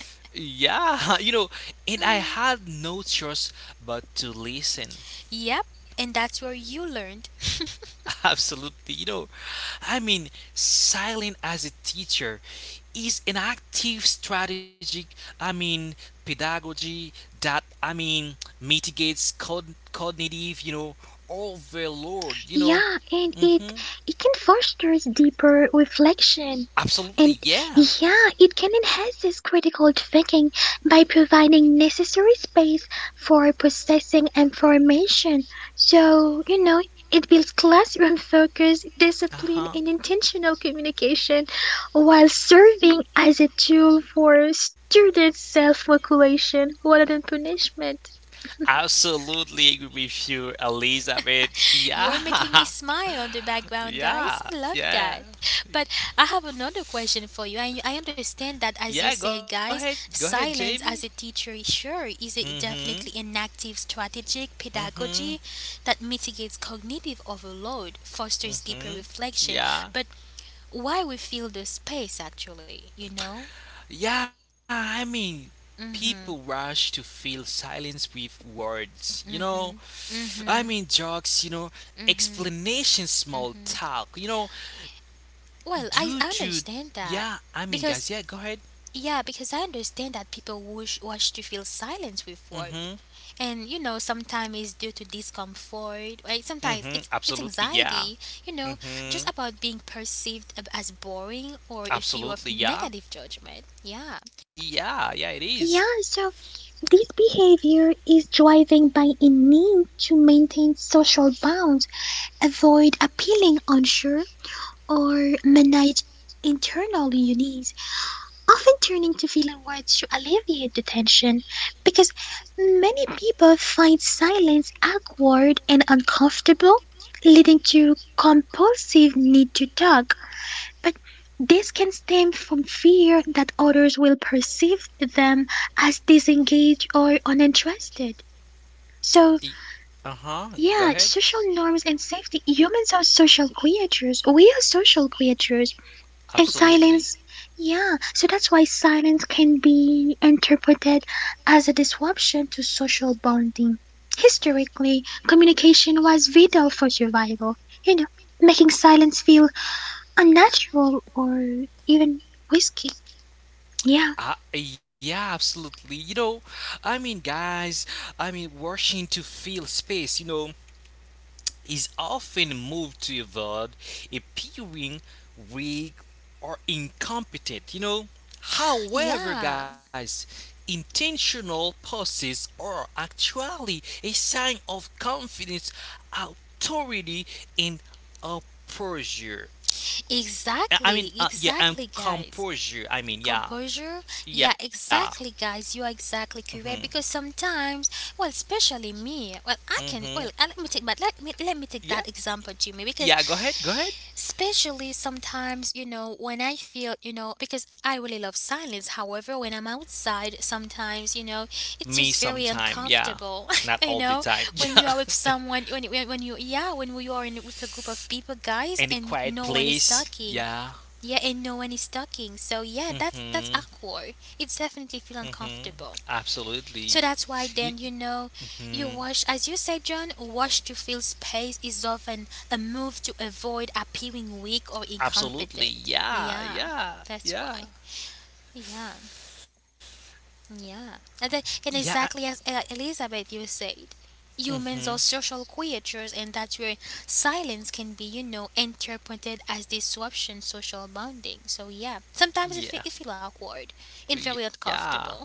yeah. you know and I Mm, had no choice but to listen. yep, and that's where you learned. Absolutely. you know i mean Silent as a teacher is an active strategic, i mean pedagogy that, i mean mitigates cogn- cognitive, you know overload. you know Yeah, and it Hmm. it can foster deeper reflection. And, Absolutely, yeah. yeah, it can enhance this critical thinking by providing necessary space for processing information. So, you know, it builds classroom focus, Uh discipline, huh. and intentional communication while serving as a tool for student self regulation rather than punishment. Absolutely agree with you, Elizabeth. You are making me Yeah, smile on the background, yeah, guys. I love yeah, that. But I have another question for you. I, I understand that, as you yeah. Go said, ahead, guys, go ahead, Jamie. silence as a teacher is, sure, is a, Mhm, definitely an active strategic mhm, pedagogy that mitigates cognitive overload, fosters deeper mhm. reflection. Yeah, But why we fill the space, actually, you know? yeah. I mean, people rush to fill silence with words. You know, Mm I mean, hmm. jokes, you know, explanation, small talk, you know, Well, I, due I to, understand that yeah, I mean, because, guys, yeah, go ahead. yeah, because I understand that people wish, wish to feel silence with Mm word. hmm. And you know, sometimes it's due to discomfort, right? Mm Sometimes hmm. it's it's Absolutely, yeah. anxiety, you Mm know, hmm. just about being perceived ab- as boring or a fear of Absolutely, yeah. negative judgment. Yeah. Yeah, yeah, it is. Yeah, so this behavior is driven by a need to maintain social bonds, avoid appealing unsure, or manage internal unease, often turning to feeling words to alleviate the tension, because many people find silence awkward and uncomfortable, leading to compulsive need to talk. But this can stem from fear that others will perceive them as disengaged or uninterested. So, Uh huh. Go yeah, ahead. social norms and safety. Humans are social creatures. We are social creatures. And Absolutely. silence, yeah. So that's why silence can be interpreted as a disruption to social bonding. Historically, communication was vital for survival, you know, making silence feel unnatural or even risky. Yeah. Uh, yeah, absolutely. You know, I mean, guys, I mean, rushing to fill space, you know, is often moved to avoid appearing weak or incompetent. You know, however, Yeah. guys, intentional pauses are actually a sign of confidence, authority, and a posture. I I mean, Exactly. Uh, yeah, and Exactly, guys. composure. I mean, yeah, Composure? Yeah, yeah. exactly, guys. You are exactly Mhm, correct because sometimes, well, especially me, well, I can, well, mhm. uh, let me take, but let me, let me take Yeah, that example to me, because yeah. Go ahead, go ahead. especially sometimes, you know, when I feel, you know, because I really love silence, however when I'm outside sometimes, you know, Me it's just very sometime. Yeah, uncomfortable not all the you know, time. Yeah. when you are with someone, when, when when you yeah when you are in with a group of people, And a guys, quiet and no one is place. talking, Yeah. yeah, and no one is talking, so yeah, that's that's Mhm. awkward. It definitely feel Mhm. uncomfortable. Absolutely. So that's Y- why then, you know, mhm. you wash, as you say, John, wash to fill space is often a move to avoid appearing weak or Absolutely. incompetent. Yeah. Yeah, Yeah. that's Yeah. why. Yeah. Yeah, and that, Yeah. and I- exactly as, uh, Elizabeth, you said, humans are Mhm. social creatures, and that's where silence can be, you know, interpreted as disruption, social bonding. So yeah, sometimes it feel, Yeah. it feel awkward and very Yeah. uncomfortable.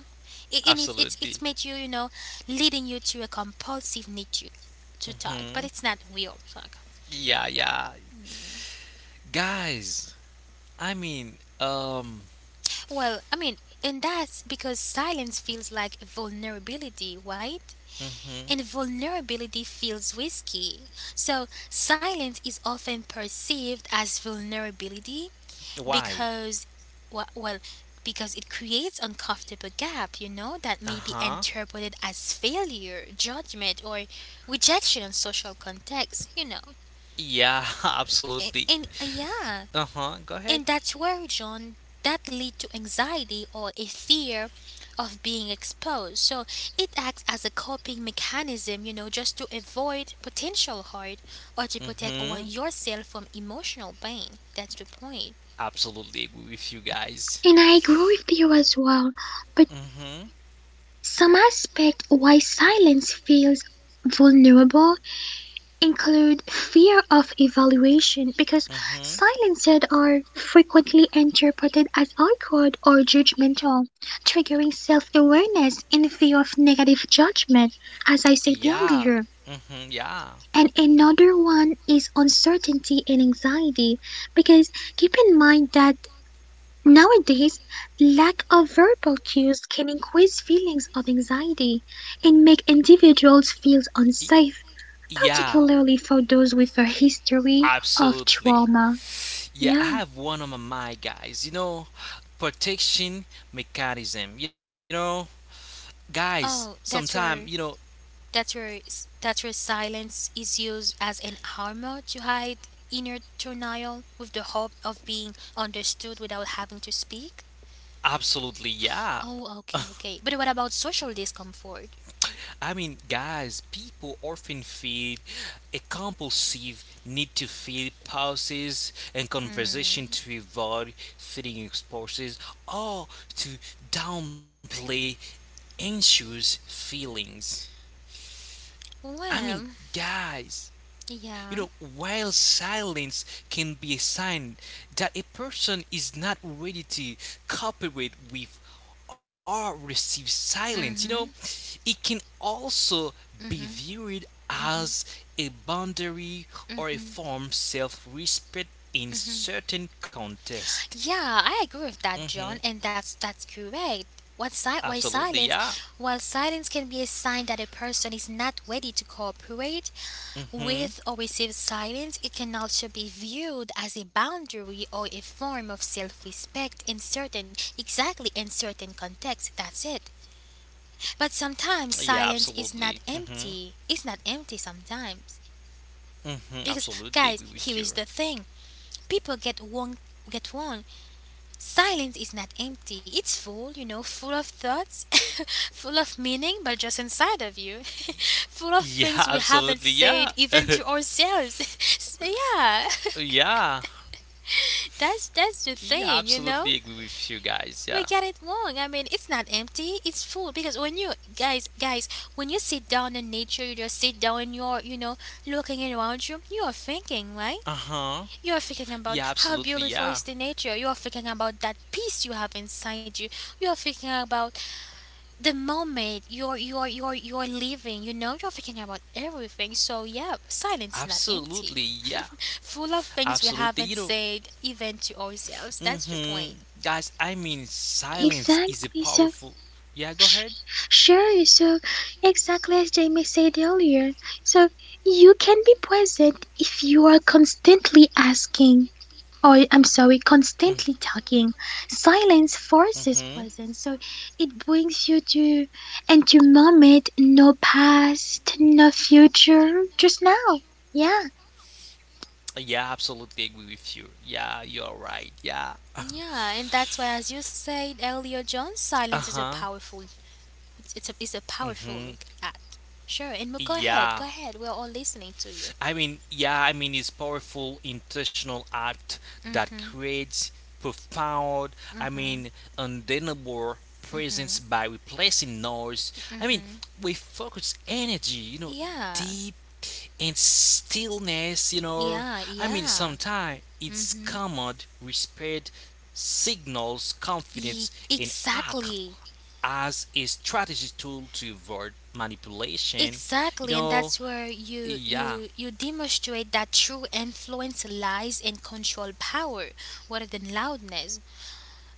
It, and it, Absolutely. it's it's made you, you know, leading you to a compulsive need to to talk, but Mhm. it's not real talk. Yeah. Yeah. Guys, I mean, um. Well, I mean, and that's because silence feels like vulnerability, right? Mhm. And vulnerability feels risky. So, silence is often perceived as vulnerability Why? because, well, well, because it creates uncomfortable gap, you Uh know, that may huh. be interpreted as failure, judgment, or rejection in social context, you know. Yeah. And, Absolutely. and uh, yeah, Uh huh. Go ahead. and that's where, John, that lead to anxiety or a fear of being exposed. So it acts as a coping mechanism, you know, just to avoid potential harm or to protect our, Mhm. yourself from emotional pain. That's the point. Absolutely agree with you guys. And I agree with you as well. But Mhm. some aspect why silence feels vulnerable include fear of evaluation because Mhm. silences are frequently interpreted as awkward or judgmental, triggering self awareness and fear of negative judgment, as I said Yeah. earlier. Hmm, yeah. And another one is uncertainty and anxiety because keep in mind that nowadays, lack of verbal cues can increase feelings of anxiety and make individuals feel Y- unsafe yeah. particularly for those with a history of Absolutely. trauma. Yeah, I Yeah, have one on my mind, guys. You know, protection mechanism. You know, guys, Oh, sometime, that's you know, where that's where s- that's where silence is used as an armor to hide inner turmoil with the hope of being understood without having to speak. absolutely, yeah. Oh, okay, okay. But what about social discomfort? I mean, guys, people often feel a compulsive need to fill pauses and conversation Hmm. to avoid feeling exposures or to downplay anxious feelings. I Well, mean, guys. yeah. You know, while silence can be a sign that a person is not ready to cooperate with or receive silence, you Mm-hmm. know, it can also be Hmm. viewed as a boundary or a form self respect in certain context. Yeah, I agree with that, Mm-hmm. John, and that's that's correct. What si- why Absolutely, silence? yeah. While silence can be a sign that a person is not ready to cooperate Mm-hmm. with or receive silence, it can also be viewed as a boundary or a form of self-respect in certain, exactly, in certain contexts. That's it. But Yeah, sometimes absolutely. silence is Mm-hmm. not empty. It's not empty sometimes. Mm-hmm. Absolutely Because, agree with you. guys, here is the thing. People get one get one. Silence is not empty. It's full, you know, full of thoughts, full of meaning, but just inside of you, full of Yeah, things we haven't absolutely, said yeah. even to ourselves. So, yeah, yeah. that's that's the Yeah, thing, you know. absolutely agree with you guys. We Yeah. get it wrong. I mean, it's not empty. It's full, because when you, guys guys when you sit down in nature, you just sit down and you're, you know, looking around you. You are thinking, right? Uh huh. You're thinking about Yeah, how absolutely. beautiful Yeah. is the nature. You're thinking about that peace you have inside you. You're thinking about the moment you're you're you're you're living. You know, you're thinking about everything. So yeah, silence is not empty, Absolutely. Yeah. full of things we Absolutely. haven't You know, said even to ourselves. That's the mm-hmm. point. Guys, I mean, silence is a exactly. So, powerful. Yeah, go sh- ahead. sure. So exactly as Jamie said earlier. So you can be present if you are constantly asking, or I'm sorry, Mm constantly talking. Silence forces hmm. presence. So it brings you to and to moment, no past, no future, just now. Yeah. Yeah, absolutely agree with you. Yeah, you're right. Yeah. Yeah, and that's why, as you said earlier, John, Uh silence is a huh. powerful. It's it's a it's a Mm powerful hmm. act. Sure, and go ahead, go Yeah. ahead. We're all listening to you. I mean, yeah, I mean, it's powerful intentional act that creates profound, I mean, undeniable presence by replacing noise. I mean, we focus energy, you know, Yeah, deep and stillness, you know. yeah, I mean, yeah. sometimes it's Mm-hmm. command, respect, signals Ye- confidence and act exactly. as a strategy tool to avoid manipulation. You Exactly, and know, that's where you yeah. you you demonstrate that true influence lies in control power rather than loudness.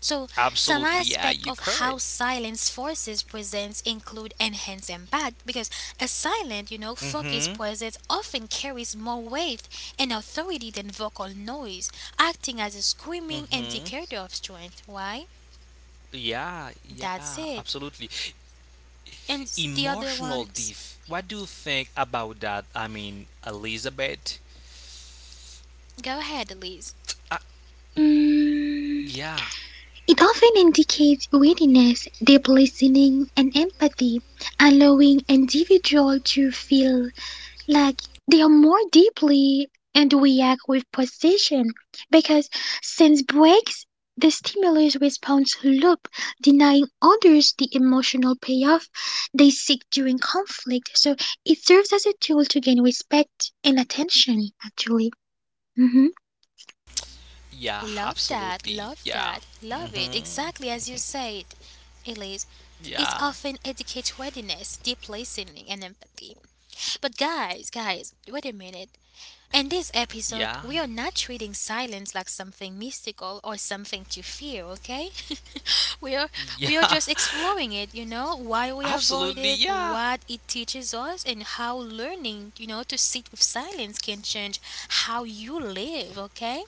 So, some Absolutely. Yeah, aspect you're of how correct. silence forces presence include enhanced impact, because a silent, you know, focused Mm-hmm. presence often carries more weight and authority than vocal noise, acting as a screaming Mm-hmm. indicator of strength. Why? Yeah, That's yeah, it. absolutely. And s- the other Emotional one, diff. What do you think about that? I mean, Elizabeth? go ahead, Elise. Uh, Mm. yeah, It often indicates readiness, deep listening, and empathy, allowing individuals to feel like they are more deeply and react with precision because sense breaks the stimulus response loop, denying others the emotional payoff they seek during conflict. So it serves as a tool to gain respect and attention, actually. Mhm. yeah, Love that, absolutely. love Yeah. that, love it, Hmm. exactly as you said, Elise. It Yeah, often educates readiness, deep listening, and empathy. But guys, guys, wait a minute. In this episode, yeah, we are not treating silence like something mystical or something to fear, okay? We are, we are yeah. just exploring it, you know, why we avoid Absolutely, it, yeah. what it teaches us, and how learning, you know, to sit with silence can change how you live, okay?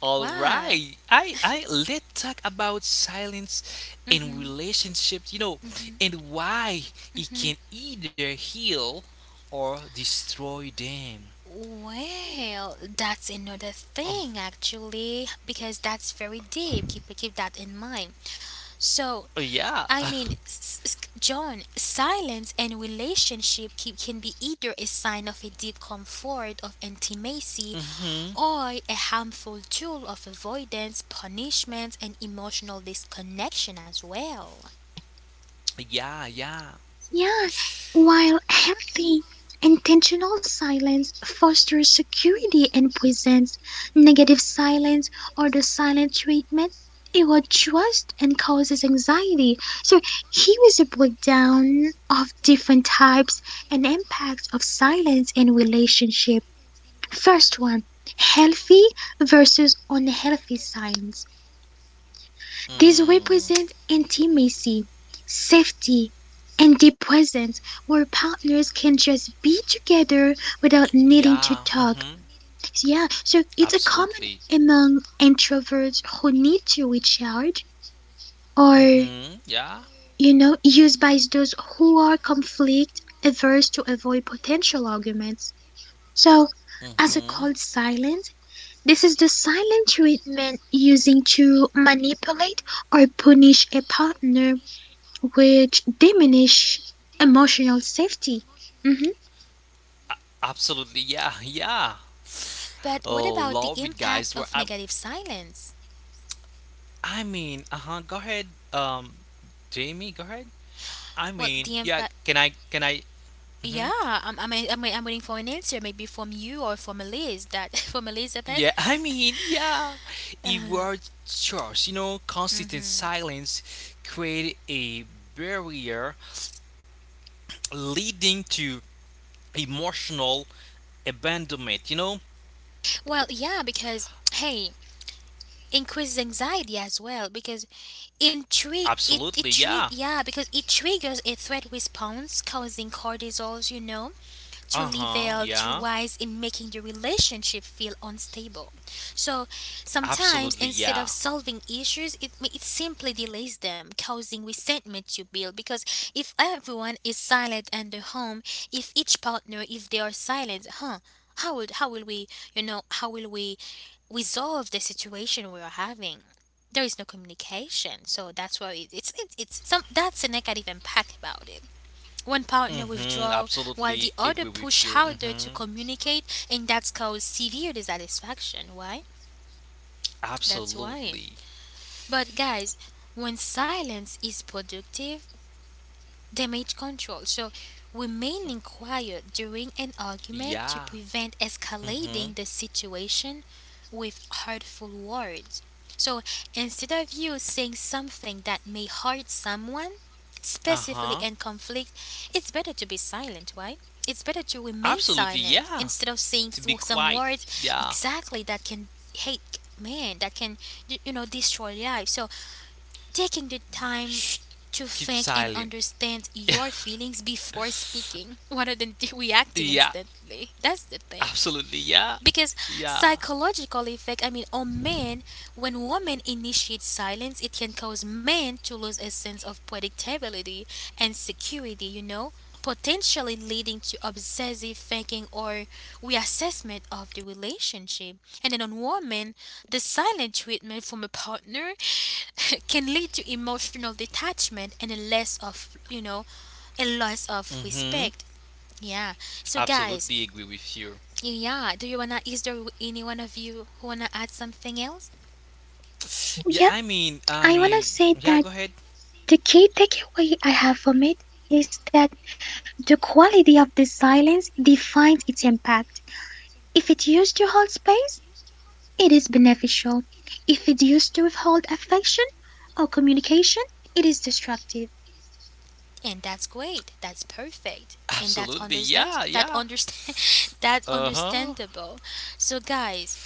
All Wow. right. I I Let's talk about silence in Hmm. relationships, you know, and why it can either heal or destroy them. Well, that's another thing actually, because that's very deep. Keep keep that in mind. So, Oh, yeah. I mean, s- s- John, silence and relationship keep, can be either a sign of a deep comfort of intimacy Mhm. or a harmful tool of avoidance, punishment, and emotional disconnection as well. Yeah, yeah. Yeah, while healthy, intentional silence fosters security and presence. Negative silence or the silent treatment erodes trust and causes anxiety. So here is a breakdown of different types and impacts of silence in relationship. First one, healthy versus unhealthy silence. These Mm. represent intimacy, safety, and the presence where partners can just be together without needing Yeah. to talk. Mhm. So, yeah, so it's a common Absolutely. among introverts who need to recharge or, Mhm. Yeah. you know, used by those who are conflict averse to avoid potential arguments. So as a Mhm. cold silence, this is the silent treatment using to manipulate or punish a partner which diminish emotional safety. Hmm Absolutely. Yeah. Yeah. But what Oh, about the love it, impact guys. We're, of negative silence? I mean, uh huh. Go ahead, um, Jamie. Go ahead. I Well, mean, the yeah. impact, Can I? Can I? Hmm. yeah, I'm, I'm, I'm, I'm waiting for an answer, maybe from you or from Elise, that from Elizabeth. Yeah. I mean, yeah. It uh, was choice. You know, consistent hmm. silence created a barrier leading to emotional abandonment. You know. Well, yeah, because hey, increases anxiety as well, because intrigue it it Absolutely. trig Yeah. yeah, because it triggers a threat response causing cortisols, you know, too Uh huh. level, too Yeah. wise, in making the relationship feel unstable. So sometimes Absolutely. instead Yeah. of solving issues, it, it simply delays them, causing resentment to build. Because if everyone is silent in the home, if each partner, if they are silent, huh? How would, how will we you know how will we resolve the situation we are having? There is no communication, so that's why it, it's it, it's some, that's a negative impact about it. One partner Mm-hmm. withdraw while the Absolutely other agree with push you. harder Mm-hmm. to communicate, and that's caused severe dissatisfaction. Why? That's why. Absolutely. But guys, when silence is productive, damage control. So remaining quiet during an argument to Yeah. prevent Mm-hmm. escalating the situation with hurtful words. So instead of you saying something that may hurt someone, specifically Uh-huh. in conflict, it's better to be silent, right? It's better to remain Absolutely, silent yeah. instead of saying To s- be some quiet, words yeah. exactly that can hate man, that can, y- you know, destroy life. So taking the time Shh, to keep think and silent. understand your feelings before speaking rather than reacting Yeah, instantly. That's the thing, absolutely, yeah, because yeah. psychological effect, I mean, on men, when women initiate silence, it can cause men to lose a sense of predictability and security, you know, potentially leading to obsessive thinking or reassessment of the relationship. And then on women, the silent treatment from a partner can lead to emotional detachment and a less of, you know, a loss of Mm-hmm. respect, yeah. So guys, Absolutely agree with you. yeah, do you wanna, is there any one of you who wanna add something else? Yeah, Yeah, I mean, I I want to mean, say yeah. that Go ahead. the key takeaway I have from it is that the quality of the silence defines its impact. If it's used to hold space, it is beneficial. If it's used to withhold affection or communication, it is destructive. And that's great. That's perfect. And that's Absolutely, understand, yeah, that yeah. understand, that Uh huh. understandable. So guys,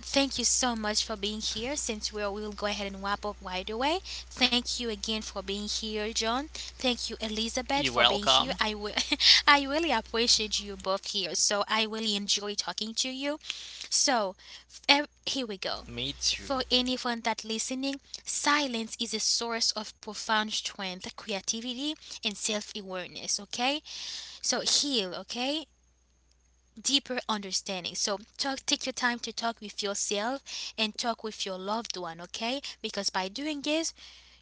thank you so much for being here. Since we will go ahead and wrap up right away, thank you again for being here, John. Thank you, Elizabeth, You're for being here. welcome. I will, I really appreciate you both here. So I really enjoy talking to you. So ev- here we go. Me too. For anyone that listening, silence is a source of profound strength, creativity, and self awareness. Okay, so heal. Okay, deeper understanding. So talk, take your time to talk with yourself and talk with your loved one, okay? Because by doing this,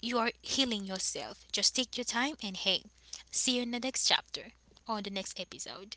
you are healing yourself. Just take your time and hey, see you in the next chapter or the next episode.